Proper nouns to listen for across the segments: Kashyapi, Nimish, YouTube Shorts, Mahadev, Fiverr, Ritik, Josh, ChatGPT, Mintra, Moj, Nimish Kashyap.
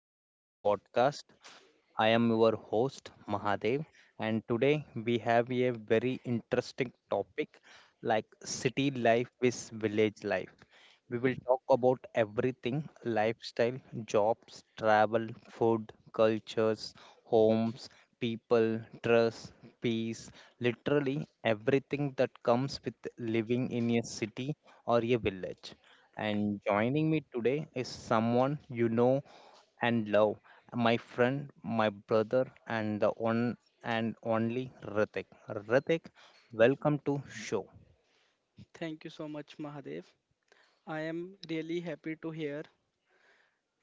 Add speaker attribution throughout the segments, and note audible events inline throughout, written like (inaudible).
Speaker 1: today podcast. I am your host Mahadev, and today we have a very interesting topic like city life with village life. We will talk about everything lifestyle, jobs, travel, food, cultures, homes, people, trust, peace, literally everything that comes with living in a city or a village. And joining me today is someone you know and love, my friend, my brother, and the one and only Ritik. Ritik, welcome to show.
Speaker 2: Thank you so much, Mahadev. I am really happy to hear.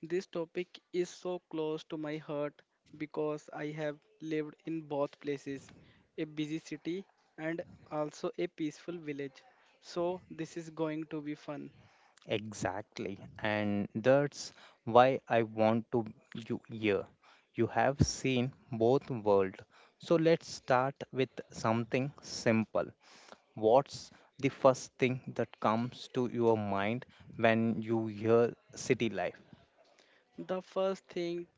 Speaker 2: This topic is so close to my heart because I have lived in both places, a busy city and also a peaceful village. So, this is going to be fun.
Speaker 1: Exactly. And that's why I want to you here. You have seen both world. So let's start with something simple. What's the first thing that comes to your mind when you hear city life?
Speaker 2: The first thing,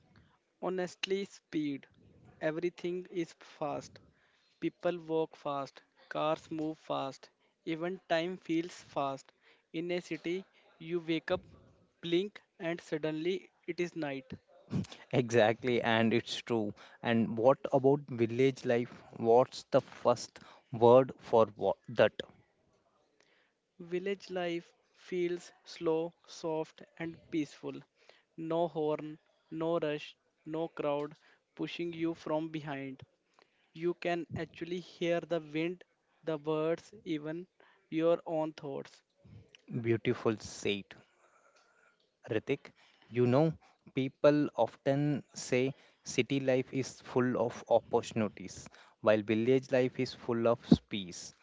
Speaker 2: honestly, speed. Everything is fast. People walk fast, cars move fast, even time feels fast. In a city, you wake up, blink, and suddenly it is night.
Speaker 1: Exactly, and it's true. And what about village life? What's the first word for what that?
Speaker 2: Village life feels slow, soft, and peaceful. No horn, no rush, no crowd pushing you from behind. You can actually hear the wind, the birds, even your own thoughts.
Speaker 1: Beautiful said. Ritik, you know, people often say city life is full of opportunities, while village life is full of peace.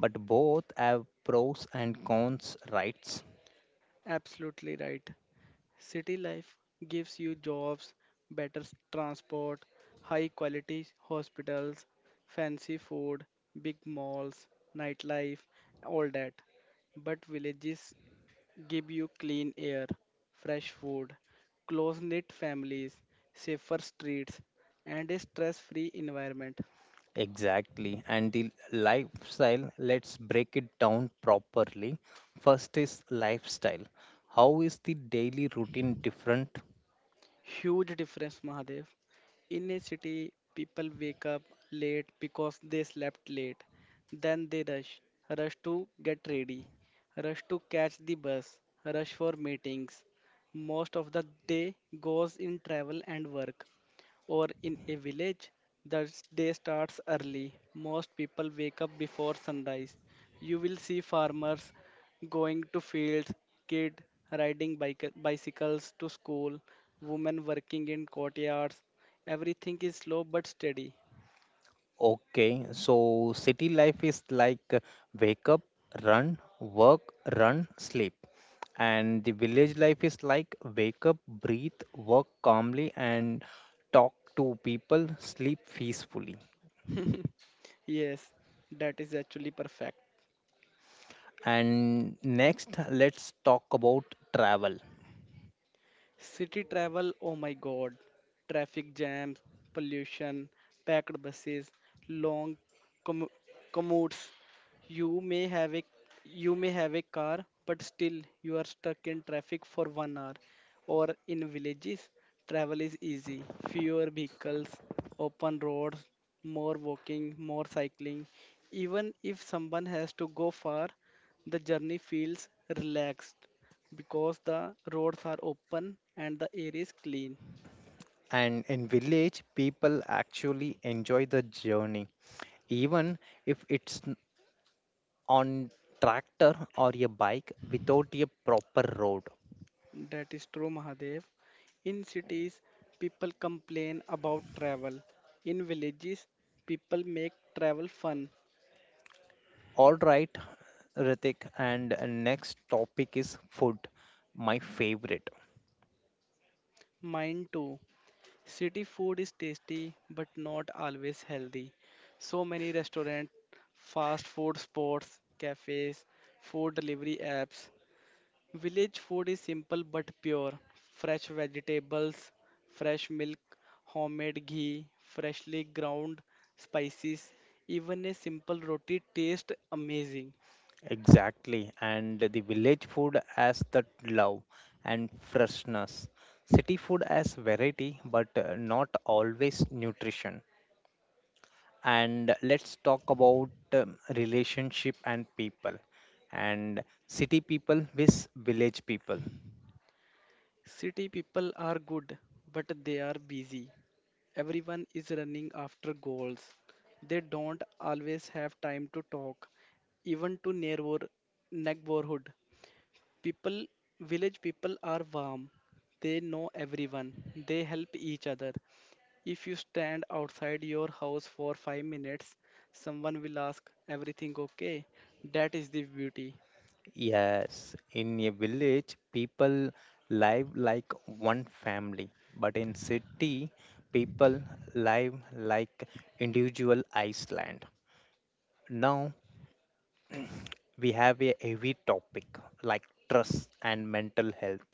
Speaker 1: But both have pros and cons, right?
Speaker 2: Absolutely right. City life gives you jobs, better transport, high quality hospitals, fancy food, big malls, nightlife, all that. But villages give you clean air, fresh food, close knit families, safer streets, and a stress free environment.
Speaker 1: Exactly. And the lifestyle, let's break it down properly. First is lifestyle. How is the daily routine different?
Speaker 2: Huge difference, Mahadev. In a city, people wake up late because they slept late. Then they rush, rush to get ready, rush to catch the bus, rush for meetings. Most of the day goes in travel and work. Or in a village, the day starts early. Most people wake up before sunrise. You will see farmers going to fields, kid riding bicycles to school, women working in courtyards. Everything is slow but steady.
Speaker 1: Okay, so city life is like wake up, run, work, run, sleep. And the village life is like wake up, breathe, work calmly, and talk to people, sleep peacefully.
Speaker 2: Yes, that is actually perfect.
Speaker 1: And next, let's talk about travel.
Speaker 2: City travel, oh my god. Traffic jams, pollution, packed buses, long commu- commutes. You may have a you may have a car, but still you are stuck in traffic for 1 hour. Or in villages, travel is easy. Fewer vehicles, open roads, more walking, more cycling. Even if someone has to go far, the journey feels relaxed because the roads are open and the air is clean.
Speaker 1: And in village, people actually enjoy the journey, even if it's on tractor or a bike without a proper road.
Speaker 2: That is true, Mahadev. In cities, people complain about travel. In villages, people make travel fun.
Speaker 1: All right, Ritik, and next topic is food, my favorite.
Speaker 2: Mine too. City food is tasty but not always healthy. So many restaurants, fast food spots, cafes, food delivery apps. Village food is simple but pure. Fresh vegetables, fresh milk, homemade ghee, freshly ground spices. Even a simple roti tastes amazing.
Speaker 1: Exactly, and the village food as the love and freshness. City food as variety, but not always nutrition. And let's talk about relationship and people, and city people with village people.
Speaker 2: City people are good, but they are busy. Everyone is running after goals. They don't always have time to talk, even to neighborhood. People, village people are warm. They know everyone. They help each other. If you stand outside your house for 5 minutes, someone will ask everything okay. That is the beauty.
Speaker 1: Yes, in a village, people live like one family, but in city, people live like individual island. Now we have a heavy topic like trust and mental health.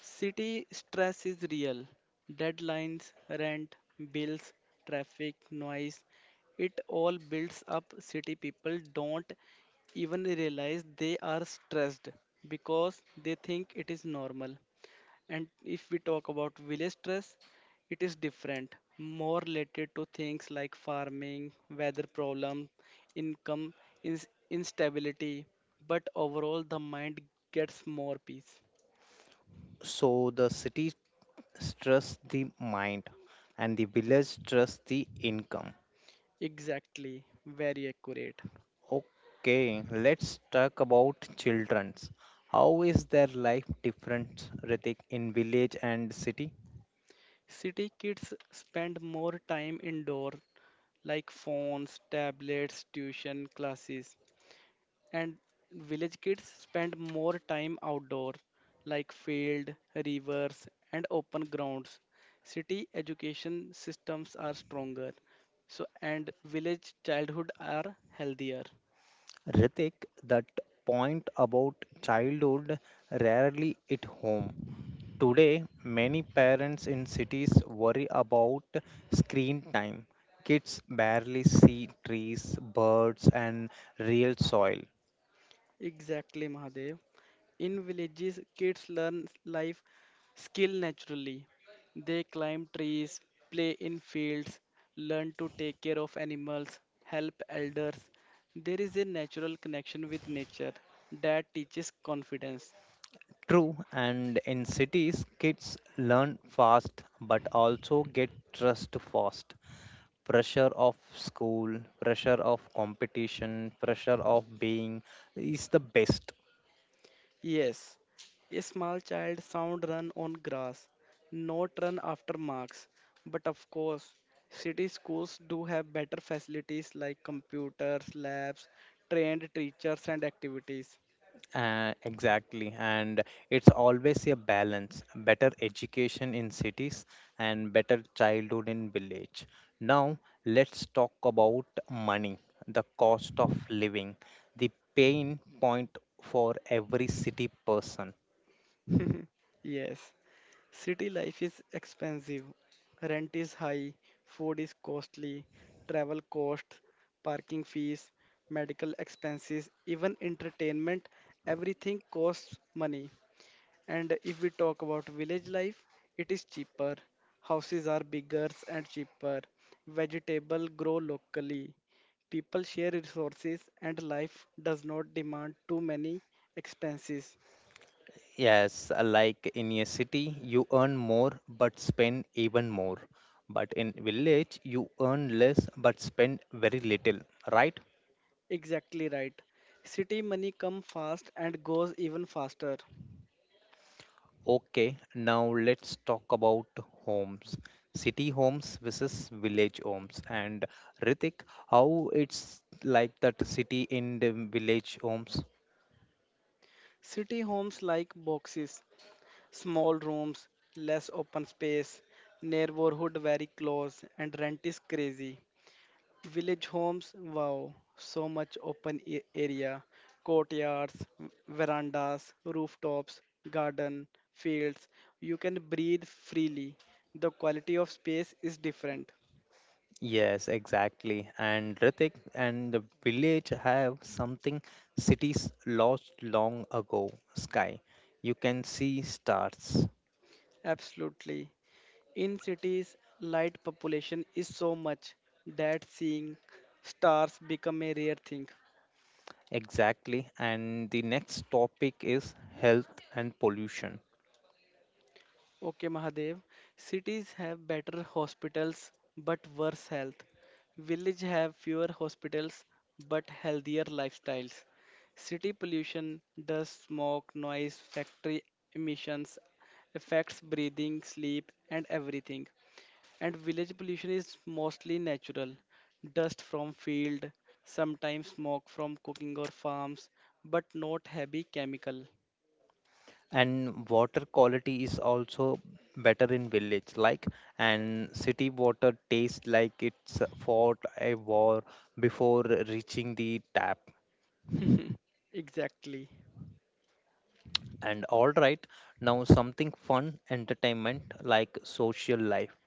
Speaker 2: City stress is real. Deadlines, rent, bills, traffic, noise, it all builds up. City people don't even realize they are stressed because they think it is normal. And if we talk about village stress, it is different, more related to things like farming, weather problem, income instability, but overall the mind gets more peace.
Speaker 1: So the city stress the mind and the village stress the income.
Speaker 2: Exactly, very accurate.
Speaker 1: Okay, let's talk about children's. How is their life different, Ritik, in village and city?
Speaker 2: City kids spend more time indoor, like phones, tablets, tuition, classes, and village kids spend more time outdoor, like field, rivers, and open grounds. City education systems are stronger, so and village childhood are healthier.
Speaker 1: Ritik, that point about childhood rarely hit home. Today, many parents in cities worry about screen time. Kids barely see trees, birds, and real soil.
Speaker 2: Exactly, Mahadev. In villages, kids learn life skill naturally. They climb trees, play in fields, learn to take care of animals, help elders. There is a natural connection with nature that teaches confidence.
Speaker 1: True, and in cities, kids learn fast but also get stressed fast. Pressure of school, pressure of competition, pressure of being is the best.
Speaker 2: Yes, a small child sound run on grass, not run after marks. But of course, city schools do have better facilities like computers, labs, trained teachers, and activities.
Speaker 1: Exactly, and it's always a balance better education in cities and better childhood in village. Now, let's talk about money, the cost of living, the pain point for every city person.
Speaker 2: Yes, city life is expensive. Rent is high, food is costly, travel costs, parking fees, medical expenses, even entertainment, everything costs money. And if we talk about village life, it is cheaper. Houses are bigger and cheaper. Vegetable grow locally. People share resources and life does not demand too many expenses.
Speaker 1: Yes, like in a city, you earn more but spend even more. But in village, you earn less but spend very little, right?
Speaker 2: Exactly right. City money come fast and goes even faster.
Speaker 1: Okay, now let's talk about homes. City homes versus village homes. And Ritik, how it's like that city in the village homes?
Speaker 2: City homes like boxes, small rooms, less open space, neighborhood very close and rent is crazy. Village homes, wow, so much open area, courtyards, verandas, rooftops, garden, fields. You can breathe freely. The quality of space is different.
Speaker 1: Yes, exactly. And Ritik and the village have something cities lost long ago sky. You can see stars.
Speaker 2: Absolutely. In cities, light population is so much that seeing stars become a rare thing.
Speaker 1: Exactly. And the next topic is health and pollution.
Speaker 2: Okay, Mahadev. Cities have better hospitals but worse health. Village have fewer hospitals but healthier lifestyles. City pollution, dust, smoke, noise, factory emissions affects breathing, sleep, and everything. And village pollution is mostly natural. Dust from field, sometimes smoke from cooking or farms, but not heavy chemical.
Speaker 1: And water quality is also better in village like and city water tastes like it's fought a war before reaching the tap.
Speaker 2: Exactly.
Speaker 1: And all right, now something fun entertainment like social life.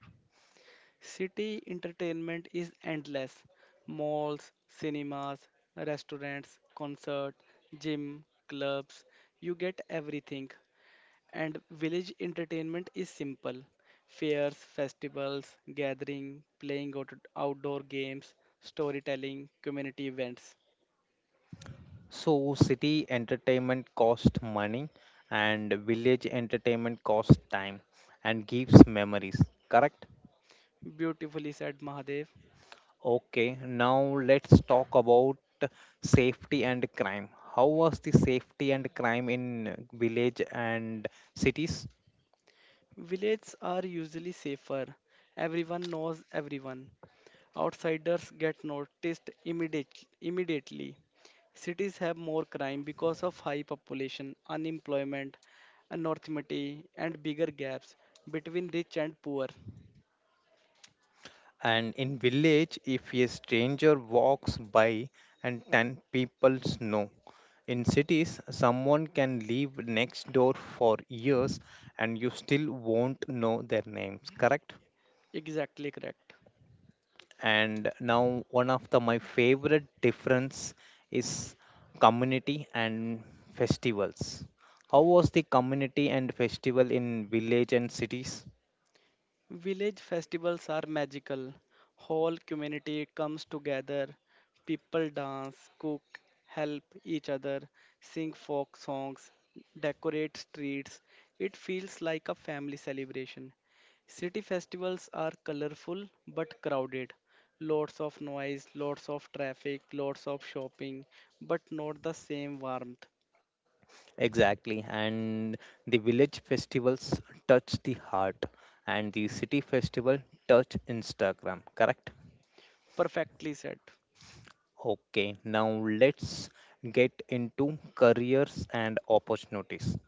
Speaker 2: City entertainment is endless. Malls, cinemas, restaurants, concert, gym, clubs, you get everything. And village entertainment is simple. Fairs, festivals, gathering, playing outdoor games, storytelling, community events.
Speaker 1: So, city entertainment cost money and village entertainment cost time and gives memories, correct?
Speaker 2: Beautifully said Mahadev.
Speaker 1: Okay, now let's talk about safety and crime. How was the safety and crime in village and cities?
Speaker 2: Villages are usually safer. Everyone knows everyone. Outsiders get noticed immediately. Cities have more crime because of high population, unemployment, anormity, and bigger gaps between rich and poor.
Speaker 1: And in village, if a stranger walks by and 10 people know. In cities, someone can live next door for years and you still won't know their names, correct?
Speaker 2: Exactly correct.
Speaker 1: And now one of the my favorite difference is community and festivals. How was the community and festival in village and cities?
Speaker 2: Village festivals are magical. Whole community comes together. People dance, cook, help each other, sing folk songs, decorate streets. It feels like a family celebration. City festivals are colorful but crowded. Lots of noise, lots of traffic, lots of shopping, but not the same warmth.
Speaker 1: Exactly, and the village festivals touch the heart, and the city festival touch Instagram, correct?
Speaker 2: Perfectly said.
Speaker 1: Okay, now let's get into careers and opportunities.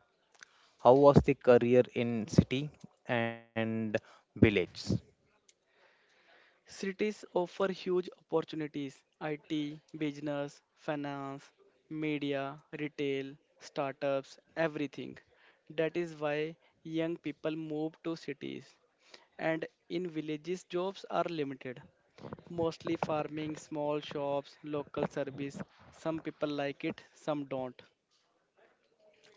Speaker 1: How was the career in city and village?
Speaker 2: Cities offer huge opportunities: IT, business, finance, media, retail, startups, everything. That is why young people move to cities. And in villages, jobs are limited. Mostly farming, small shops, local service. Some people like it, some don't.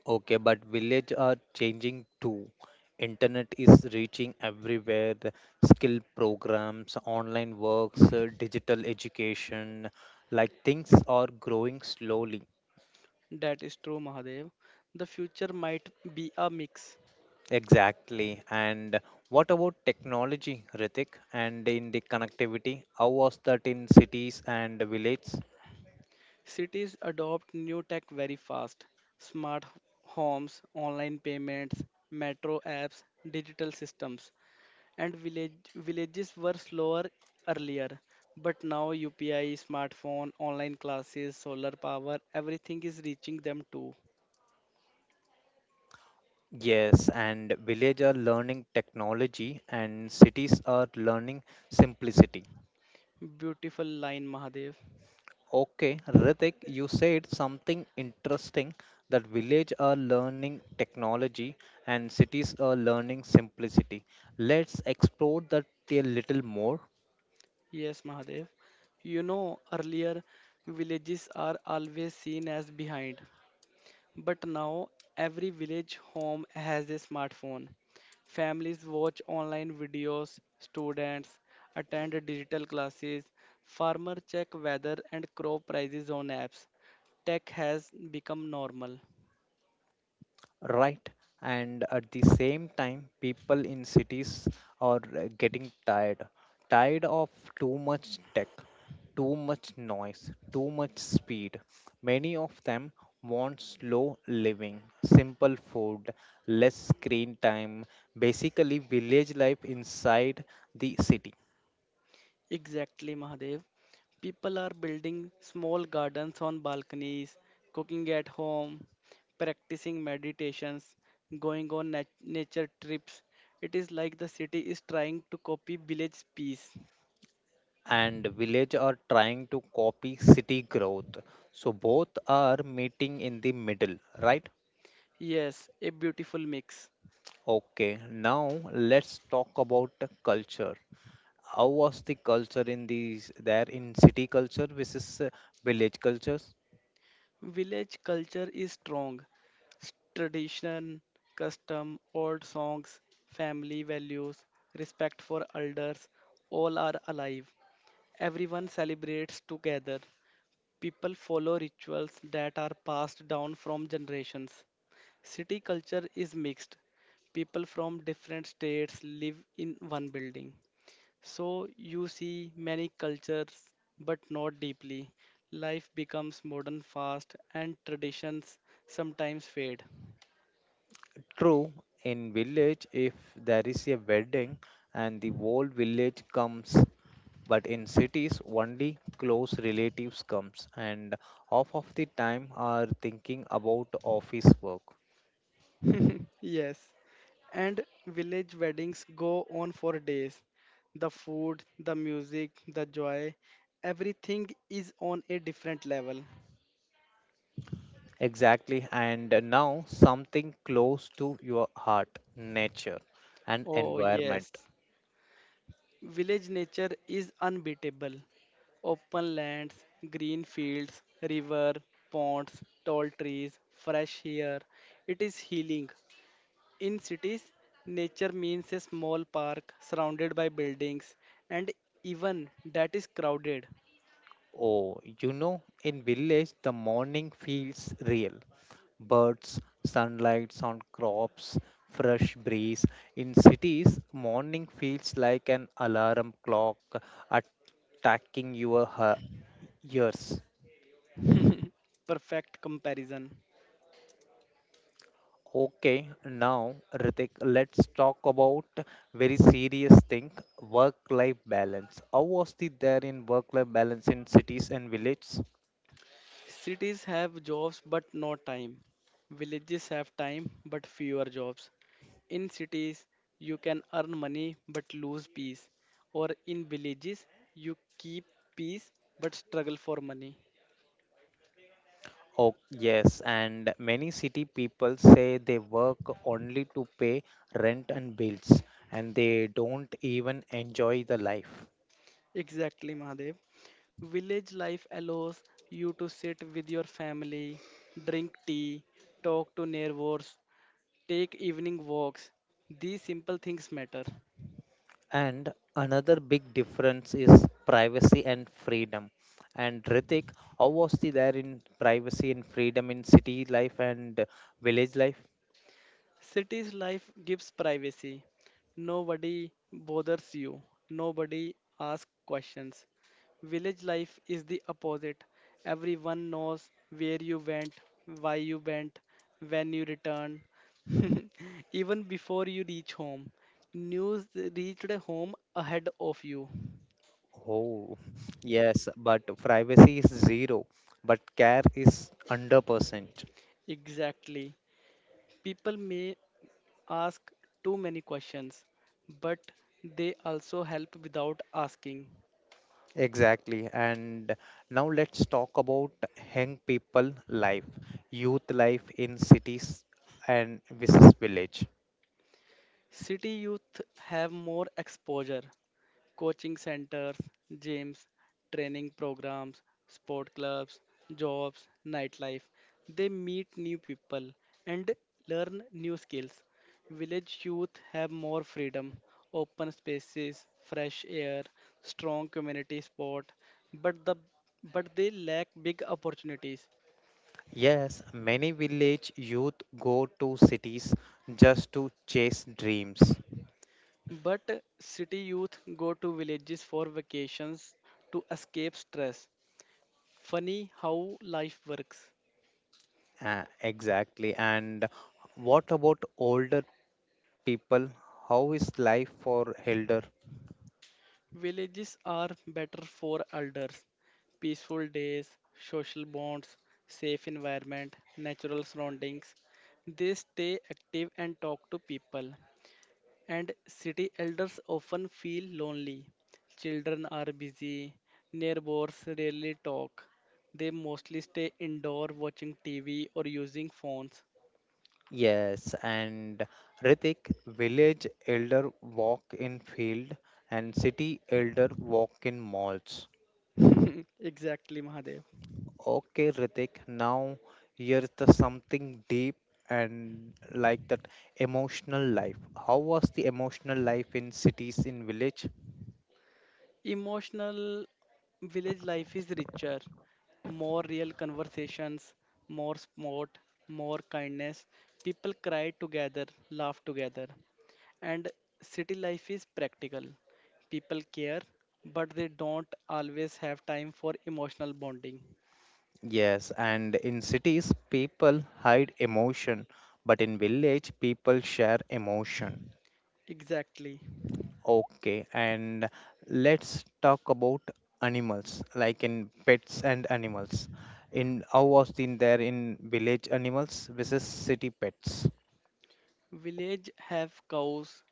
Speaker 1: Okay, but village are changing too. Internet is reaching everywhere. Skill programs, online works, digital education, like things are growing slowly.
Speaker 2: That is true, Mahadev. The future might be a mix.
Speaker 1: Exactly. And what about technology, Ritik? And in the connectivity, how was that in cities and villages?
Speaker 2: Cities adopt new tech very fast. Smart homes, online payments, metro apps, digital systems. And village, villages were slower earlier. But now UPI, smartphone, online classes, solar power, everything is reaching them too.
Speaker 1: Yes, and village are learning technology and cities are learning simplicity.
Speaker 2: Beautiful line, Mahadev.
Speaker 1: Okay, Ritik, you said something interesting that village are learning technology and cities are learning simplicity. Let's explore that a little more.
Speaker 2: Yes, Mahadev. You know, earlier villages are always seen as behind. But now every village home has a smartphone. Families watch online videos, students attend digital classes, farmers check weather and crop prices on apps. Tech has become normal.
Speaker 1: Right. And at the same time, people in cities are getting tired. Tired of too much tech, too much noise, too much speed. Many of them want slow living, simple food, less screen time. Basically, village life inside the city.
Speaker 2: Exactly, Mahadev. People are building small gardens on balconies, cooking at home, practicing meditations, going on nature trips. It is like the city is trying to copy village peace.
Speaker 1: And village are trying to copy city growth. So both are meeting in the middle, right?
Speaker 2: Yes, a beautiful mix.
Speaker 1: Okay, now let's talk about the culture. How was the culture in these there in city culture versus village cultures?
Speaker 2: Village culture is strong. Tradition, custom, old songs, family values, respect for elders, all are alive. Everyone celebrates together. People follow rituals that are passed down from generations. City culture is mixed. People from different states live in one building. So you see many cultures, but not deeply. Life becomes modern fast, and traditions sometimes fade.
Speaker 1: True, in village if there is a wedding and the whole village comes, but in cities only close relatives comes and half of the time are thinking about office work.
Speaker 2: Yes, and village weddings go on for days. The food, the music, the joy, everything is on a different level.
Speaker 1: Exactly, and now something close to your heart, nature and
Speaker 2: Oh,
Speaker 1: environment.
Speaker 2: yes, village nature is unbeatable. Open lands, green fields, river, ponds, tall trees, fresh air. It is healing. In cities, nature means a small park surrounded by buildings, and even that is crowded.
Speaker 1: Oh, you know, in village the morning feels real. Birds, sunlights on crops, fresh breeze. In cities, morning feels like an alarm clock attacking your ears.
Speaker 2: Perfect comparison.
Speaker 1: Okay, now Ritik, let's talk about very serious thing, work-life balance. How was the there in work-life balance in cities and villages?
Speaker 2: Cities have jobs but no time. Villages have time but fewer jobs. In cities, you can earn money but lose peace, or in villages, you keep peace but struggle for money.
Speaker 1: Oh, yes, and many city people say they work only to pay rent and bills, and they don't even enjoy the life.
Speaker 2: Exactly, Mahadev. Village life allows you to sit with your family, drink tea, talk to neighbors, take evening walks. These simple things matter.
Speaker 1: And another big difference is privacy and freedom. And Ritik, how was the there in privacy and freedom in city life and village life?
Speaker 2: Cities life gives privacy. Nobody bothers you. Nobody asks questions. Village life is the opposite. Everyone knows where you went, why you went, when you return. (laughs) Even before you reach home, news reached home ahead of you.
Speaker 1: Oh, (laughs) yes, but privacy is zero, but care is under percent.
Speaker 2: Exactly. People may ask too many questions, but they also help without asking.
Speaker 1: Exactly. And now let's talk about young people life, youth life in cities and versus village.
Speaker 2: City youth have more exposure. Coaching centers, gyms, training programs, sport clubs, jobs, nightlife. They meet new people and learn new skills. Village youth have more freedom, open spaces, fresh air, strong community sport, but the but they lack big opportunities.
Speaker 1: Yes, many village youth go to cities just to chase dreams.
Speaker 2: But city youth go to villages for vacations to escape stress. Funny how life works.
Speaker 1: Exactly. And what about older people? How is life for elder?
Speaker 2: Villages are better for elders. Peaceful days, social bonds, safe environment, natural surroundings. They stay active and talk to people. And city elders often feel lonely. Children are busy. Neighbors rarely talk. They mostly stay indoor watching TV or using phones.
Speaker 1: Yes, and Ritik, village elder walk in field and city elder walk in malls.
Speaker 2: (laughs) Exactly, Mahadev.
Speaker 1: Okay, Ritik, now here's the something deep and like that emotional life. How was the emotional life in cities in village?
Speaker 2: Emotional village life is richer, more real conversations, more sport, more kindness. People cry together, laugh together. And city life is practical. People care, but they don't always have time for emotional bonding.
Speaker 1: Yes, and in cities people hide emotion, but in village people share emotion.
Speaker 2: Exactly.
Speaker 1: Okay, and let's talk about animals, like in pets and animals. In how was in there in village animals versus city pets?
Speaker 2: Village have cows,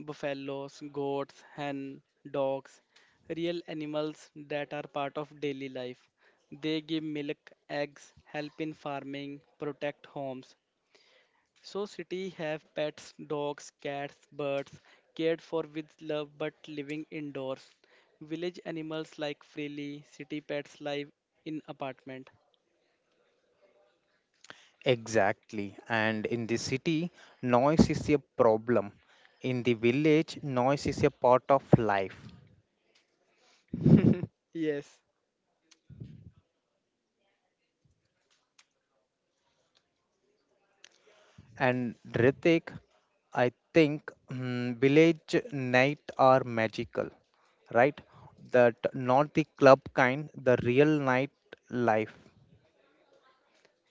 Speaker 2: buffaloes, goats, hen, dogs, real animals that are part of daily life. They give milk, eggs, help in farming, protect homes. So city have pets, dogs, cats, birds, cared for with love but living indoors. Village animals like freely, city pets live in apartment.
Speaker 1: Exactly. And in the city, noise is a problem. In the village, noise is a part of life.
Speaker 2: Yes,
Speaker 1: And Ritik, I think village night are magical, right? That not the club kind, the real night life.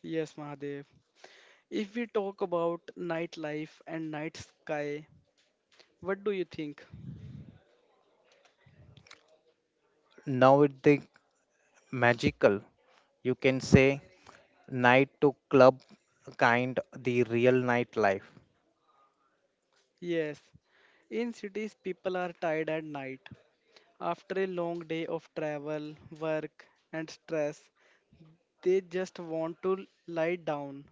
Speaker 2: yes, Mahadev. If we talk about nightlife and night sky, what do you think?
Speaker 1: Now it's the magical, you can say, night to club kind, the real nightlife.
Speaker 2: Yes, in cities, people are tired at night. After a long day of travel, work, and stress, they just want to lie down.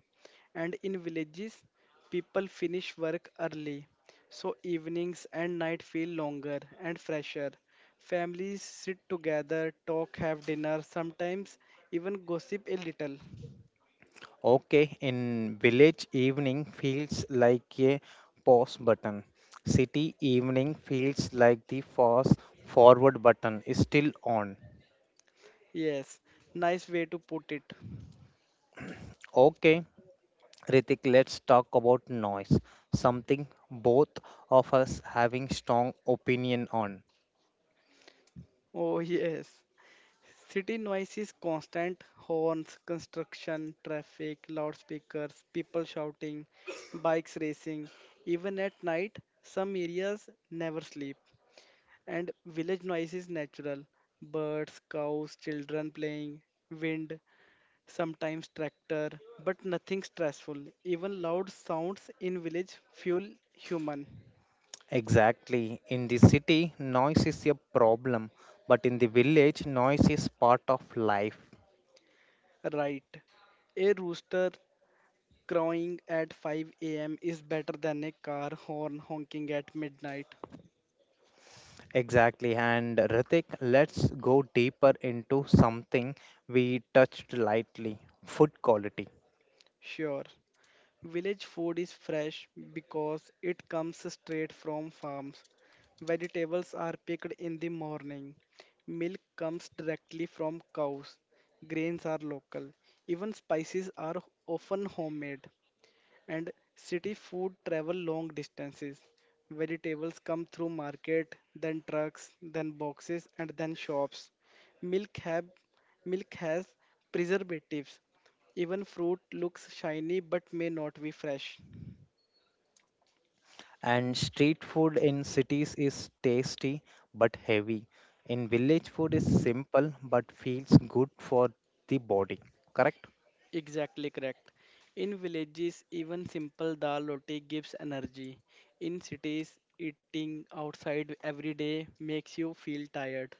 Speaker 2: And in villages, people finish work early, so evenings and night feel longer and fresher. Families sit together, talk, have dinner, sometimes even gossip a little.
Speaker 1: Okay, in village evening feels like a pause button. City evening feels like the fast forward button is still on.
Speaker 2: Yes, nice way to put it.
Speaker 1: Okay, Ritik, let's talk about noise. Something both of us having strong opinion on.
Speaker 2: Oh, (laughs) yes. City noise is constant horns, construction, traffic, loudspeakers, people shouting, bikes racing. Even at night, some areas never sleep. And village noise is natural birds, cows, children playing, wind, sometimes tractor, but nothing stressful. Even loud sounds in village fuel human.
Speaker 1: Exactly. In the city, noise is a problem, but in the village, noise is part of life.
Speaker 2: Right. A rooster crowing at 5 a.m. is better than a car horn honking at midnight.
Speaker 1: Exactly. And Ritik, let's go deeper into something we touched lightly food quality.
Speaker 2: Sure. Village food is fresh because it comes straight from farms. Vegetables are picked in the morning. Milk comes directly from cows. Grains are local. Even spices are often homemade. And city food travel long distances. Vegetables come through market, then trucks, then boxes, and then shops. Milk have Milk has preservatives. Even fruit looks shiny but may not be fresh.
Speaker 1: And street food in cities is tasty but heavy. In village, food is simple but feels good for the body. Correct?
Speaker 2: Exactly correct. In villages, even simple dal roti gives energy. In cities, eating outside every day makes you feel tired.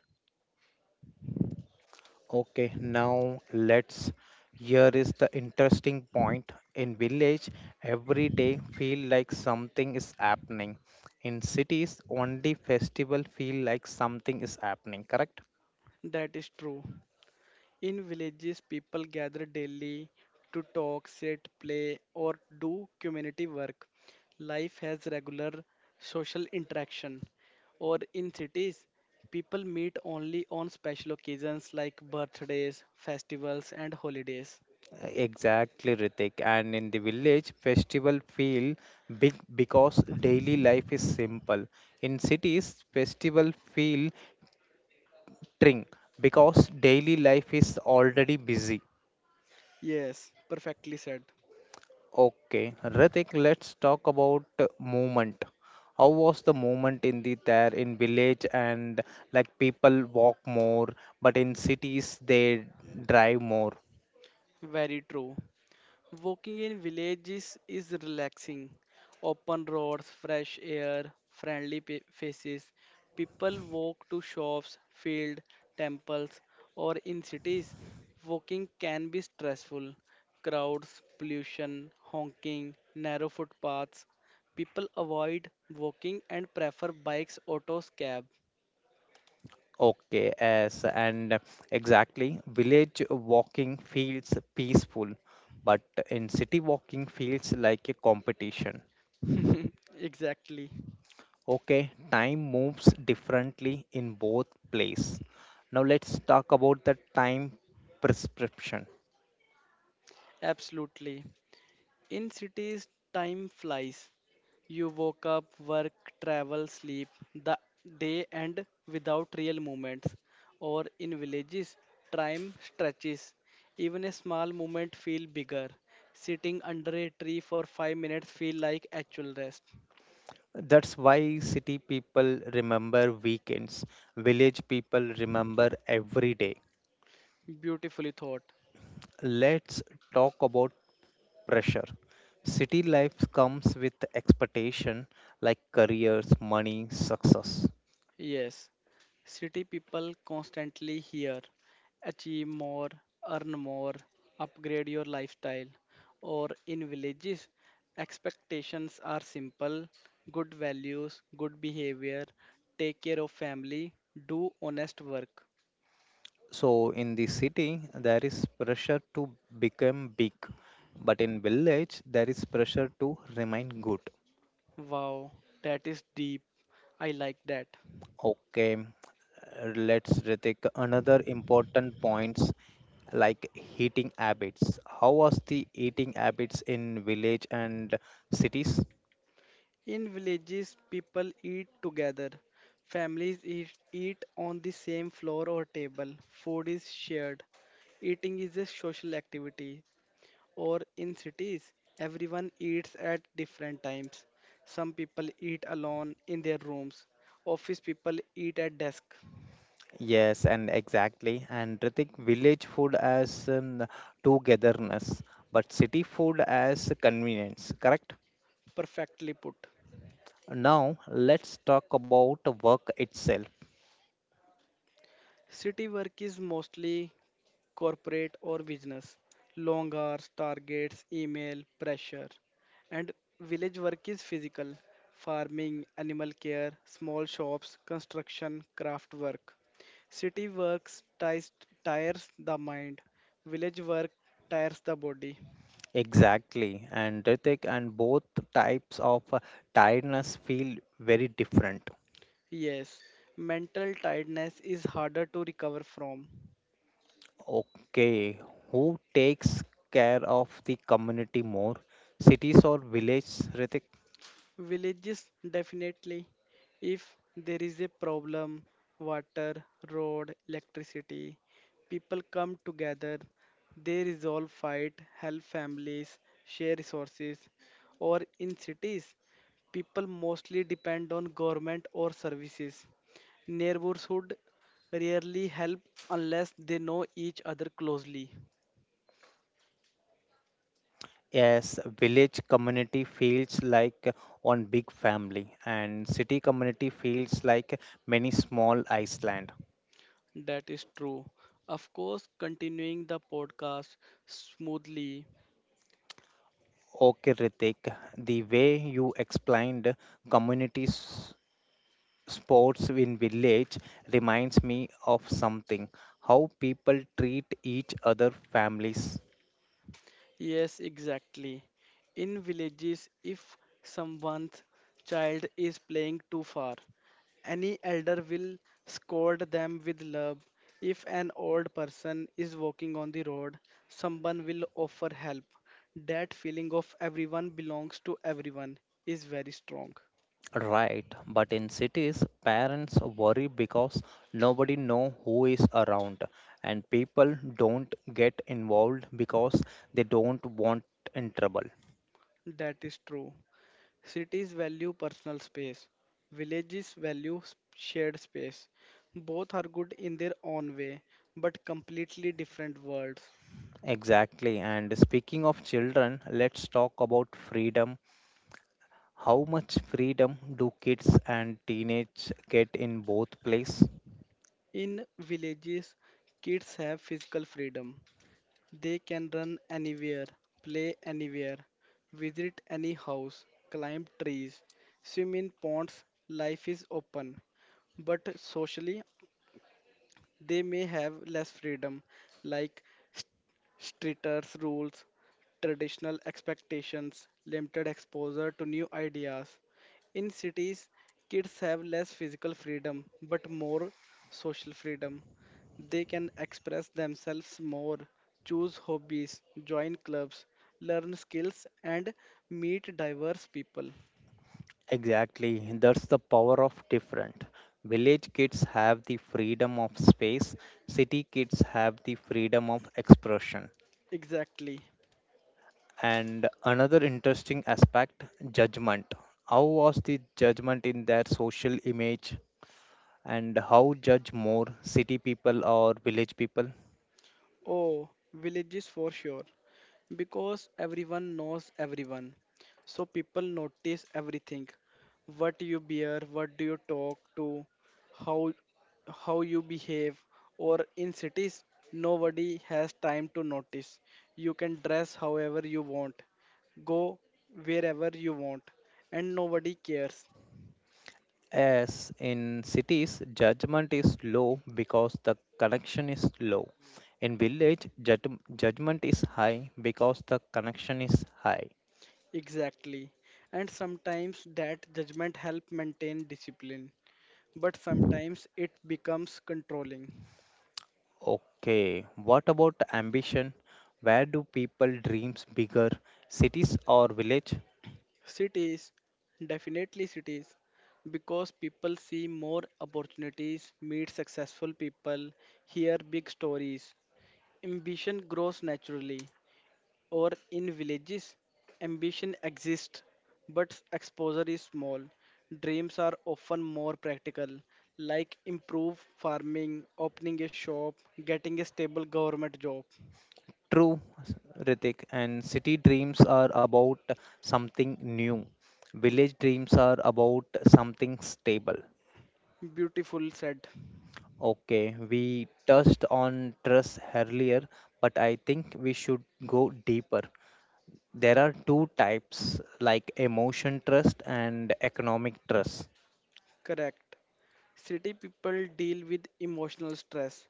Speaker 1: Okay, now let's. Here is the interesting point. In village, every day feel like something is happening. In cities, only festival feel like something is happening. Correct?
Speaker 2: That is true. In villages, people gather daily to talk, sit, play, or do community work. Life has regular social interaction. Or in cities, people meet only on special occasions like birthdays, festivals, and holidays.
Speaker 1: Exactly, Ritik. And in the village, festival feel big because daily life is simple. In cities, festival feel tring because daily life is already busy.
Speaker 2: Yes, perfectly said.
Speaker 1: Okay, Ritik, let's talk about movement. How was the movement in the there in village and like people walk more, but in cities they drive more.
Speaker 2: Very true. Walking in villages is relaxing. Open roads, fresh air, faces. People walk to shops, field, temples, or in cities. Walking can be stressful. Crowds, pollution, honking, narrow footpaths. People avoid walking and prefer bikes, autos, cab.
Speaker 1: Okay, yes, and exactly, village walking feels peaceful, but in city walking feels like a competition.
Speaker 2: (laughs) exactly.
Speaker 1: Okay, time moves differently in both place. Now let's talk about the time prescription.
Speaker 2: Absolutely. In cities, time flies. You woke up, work, travel, sleep. The day end without real movements. Or in villages, time stretches. Even a small movement feel bigger. Sitting under a tree for 5 minutes feel like actual rest.
Speaker 1: That's why city people remember weekends, village people remember every day.
Speaker 2: Beautifully thought.
Speaker 1: Let's talk about pressure. City life comes with expectation like careers, money, success.
Speaker 2: Yes, city people constantly hear achieve more, earn more, upgrade your lifestyle. Or in villages, expectations are simple good values, good behavior, take care of family, do honest work.
Speaker 1: So in the city there is pressure to become big, but in village there is pressure to remain good.
Speaker 2: Wow, that is deep. I like that.
Speaker 1: Okay, Let's Ritik, another important points like heating habits. How was the eating habits in village and cities?
Speaker 2: In villages, people eat together. Families eat on the same floor or table. Food is shared. Eating is a social activity. Or in cities, everyone eats at different times. Some people eat alone in their rooms. Office people eat at desk.
Speaker 1: Yes, and exactly. And Ritik, village food as togetherness, but city food as convenience, correct?
Speaker 2: Perfectly put.
Speaker 1: Now, let's talk about the work itself.
Speaker 2: City work is mostly corporate or business, long hours, targets, email, pressure. And village work is physical, farming, animal care, small shops, construction, craft work. City works ties, tires the mind, village work tires the body.
Speaker 1: Exactly. And Ritik, and both types of tiredness feel very different.
Speaker 2: Yes, mental tiredness is harder to recover from.
Speaker 1: Okay, who takes care of the community more, cities or village, Ritik?
Speaker 2: Villages definitely. If there is a problem, water, road, electricity, people come together, they resolve fight, help families, share resources. Or in cities, people mostly depend on government or services. Neighborhood rarely help unless they know each other closely.
Speaker 1: Yes, village community feels like one big family, and city community feels like many small island.
Speaker 2: That is true. Of course, continuing the podcast smoothly,
Speaker 1: Okay, Ritik, the way you explained community sports in village reminds me of something. How people treat each other, families.
Speaker 2: yes, exactly. In villages, if someone's child is playing too far, any elder will scold them with love. If an old person is walking on the road, someone will offer help. That feeling of everyone belongs to everyone is very strong.
Speaker 1: Right, but in cities, parents worry because nobody know who is around, and people don't get involved because they don't want in trouble.
Speaker 2: That is true. Cities value personal space, shared space. Both are good in their own way, but completely different worlds.
Speaker 1: Exactly. And speaking of children, let's talk about freedom. How much freedom do kids and teenage get in both places?
Speaker 2: In villages, kids have physical freedom. They can run anywhere, play anywhere, visit any house, climb trees, swim in ponds. Life is open. But socially, they may have less freedom, like st- stricter rules, traditional expectations, limited exposure to new ideas. In cities, kids have less physical freedom but more social freedom. They can express themselves more, choose hobbies, join clubs, learn skills, and meet diverse people.
Speaker 1: Exactly. That's the power of different. Village kids have the freedom of space, city kids have the freedom of expression.
Speaker 2: Exactly.
Speaker 1: And another interesting aspect judgment. How was the judgment in their social image and how judge more city people or village people?
Speaker 2: Oh, villages for sure, because everyone knows everyone. So people notice everything. What you bear, what do you talk to, how how you behave or in cities nobody has time to notice. You can dress however you want, go wherever you want and nobody cares.
Speaker 1: As in cities, judgment is low because the connection is low. In village, judgment is high because the connection is high.
Speaker 2: Exactly. And sometimes that judgment help maintain discipline, but sometimes it becomes controlling.
Speaker 1: Okay, what about ambition? Where do people dreams bigger, cities or village?
Speaker 2: Cities, definitely cities, because people see more opportunities, meet successful people, hear big stories. Ambition grows naturally, or in villages, ambition exists, but exposure is small. Dreams are often more practical, like improve farming, opening a shop, getting a stable government job.
Speaker 1: True, Ritik, and city dreams are about something new. Village dreams are about something stable.
Speaker 2: Beautiful said.
Speaker 1: Okay, we touched on trust earlier, but I think we should go deeper. There are two types like emotion trust and economic trust.
Speaker 2: Correct. City people deal with emotional stress,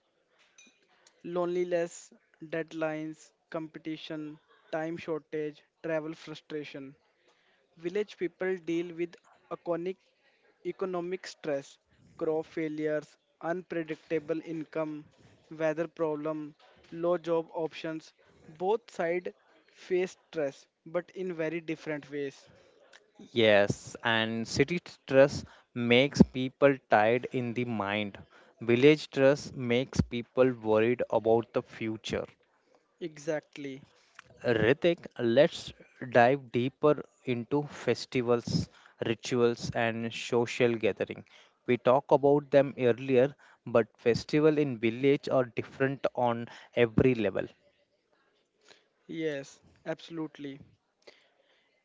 Speaker 2: loneliness, deadlines, competition, time shortage, travel frustration. Village people deal with iconic economic stress, crop failures, unpredictable income, weather problem, low job options. Both sides face stress, but in very different ways.
Speaker 1: Yes, and city trust makes people tired in the mind. Village trust makes people worried about the future.
Speaker 2: Exactly.
Speaker 1: Ritik, let's dive deeper into festivals, rituals, and social gathering. We talked about them earlier, but festival in village are different on every level.
Speaker 2: Yes, absolutely.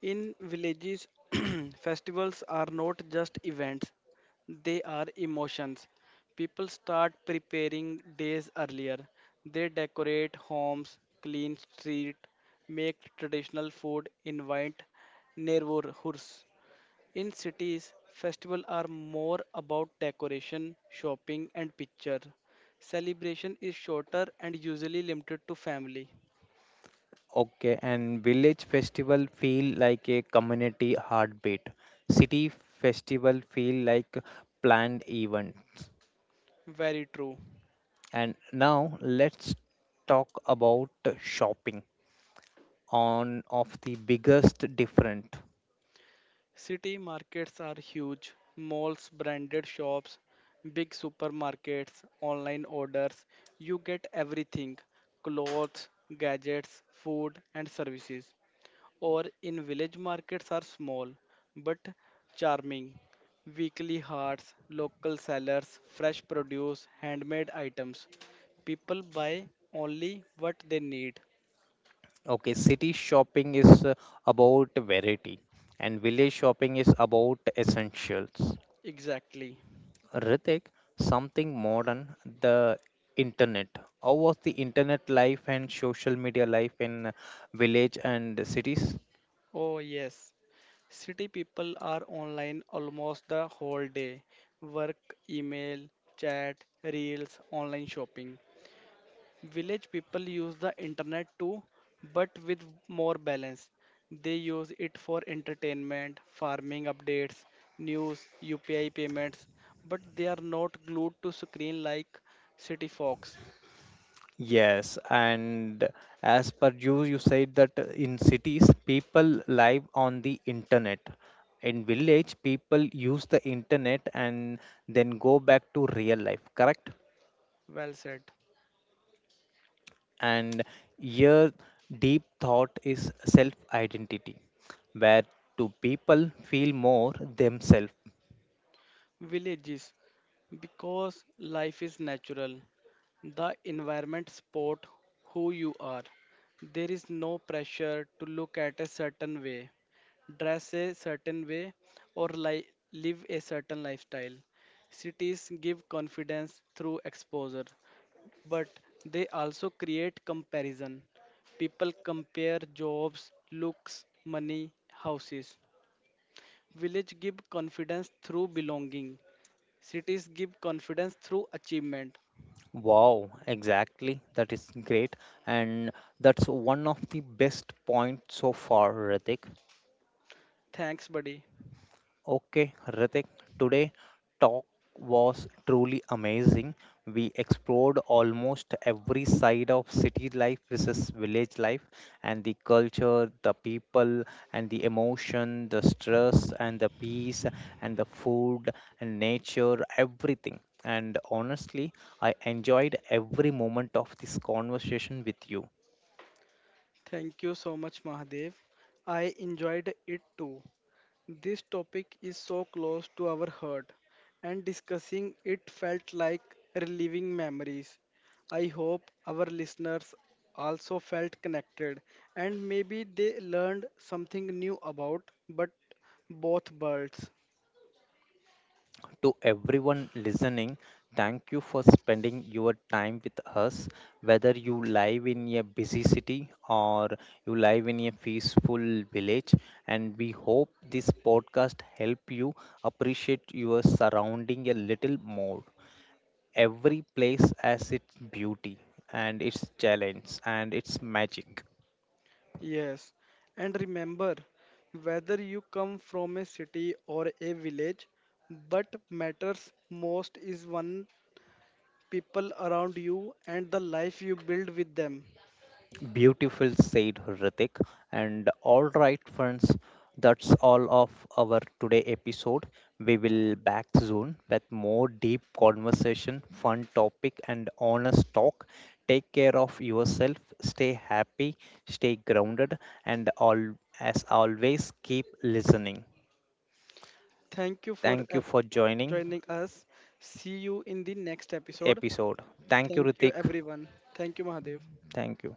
Speaker 2: In villages, (clears throat) festivals are not just events, they are emotions. People start preparing days earlier. They decorate homes, clean street, make traditional food, invite neighborhoods. In cities, festivals are more about decoration, shopping, and picture. Celebration is shorter and usually limited to family.
Speaker 1: Okay, and village festival feel like a community heartbeat. City festival feel like planned event.
Speaker 2: Very true.
Speaker 1: And now let's talk about shopping on of the biggest different.
Speaker 2: City markets are huge. Malls, branded shops, big supermarkets, online orders. You get everything clothes, gadgets, food, and services. Or in village markets are small but charming. Weekly hearts, local sellers, fresh produce, handmade items. People buy only what they need.
Speaker 1: Okay, city shopping is about variety and village shopping is about essentials.
Speaker 2: Exactly.
Speaker 1: Ritik, something modern, the internet. How was the internet life and social media life in village and cities?
Speaker 2: Oh, yes. City people are online almost the whole day. Work, email, chat, reels, online shopping. Village people use the internet too, but with more balance. They use it for entertainment, farming updates, news, UPI payments, but they are not glued to screen like city folks.
Speaker 1: Yes, and as per you, you said that in cities people live on the internet. In village, people use the internet and then go back to real life, correct?
Speaker 2: Well said.
Speaker 1: And here deep thought is self identity. Where do people feel more themselves?
Speaker 2: Villages because life is natural. The environment sport who you are. There is no pressure to look at a certain way, dress a certain way, or live a certain lifestyle. Cities give confidence through exposure, but they also create comparison. People compare jobs, looks, money, houses. Village give confidence through belonging. Cities give confidence through achievement.
Speaker 1: Wow, exactly, that is great, and that's one of the best points so far, Ritik.
Speaker 2: Thanks, buddy.
Speaker 1: Okay, Ritik, today talk was truly amazing. We explored almost every side of city life versus village life and the culture, the people and the emotion, the stress and the peace and the food and nature, everything. And honestly, I enjoyed every moment of this conversation with you.
Speaker 2: Thank you so much, Mahadev. I enjoyed it too. This topic is so close to our heart, and discussing it felt like reliving memories. I hope our listeners also felt connected and maybe they learned something new about but both worlds.
Speaker 1: To everyone listening, thank you for spending your time with us. Whether you live in a busy city or you live in a peaceful village, and we hope this podcast help you appreciate your surrounding a little more. Every place has its beauty and its challenge and its magic.
Speaker 2: Yes, and remember, whether you come from a city or a village, but matters most is one people around you and the life you build with them.
Speaker 1: Beautiful, said Hrithik. And all right, friends, that's all of our today episode. We will back soon with more deep conversation, fun topic, and honest talk. Take care of yourself, stay happy, stay grounded, and all as always, keep listening.
Speaker 2: Thank you for
Speaker 1: Thank you for joining
Speaker 2: joining us. See you in the next episode.
Speaker 1: episode. Thank you,
Speaker 2: Thank you,
Speaker 1: Ritik.
Speaker 2: everyone. Thank you, Mahadev.
Speaker 1: Thank you.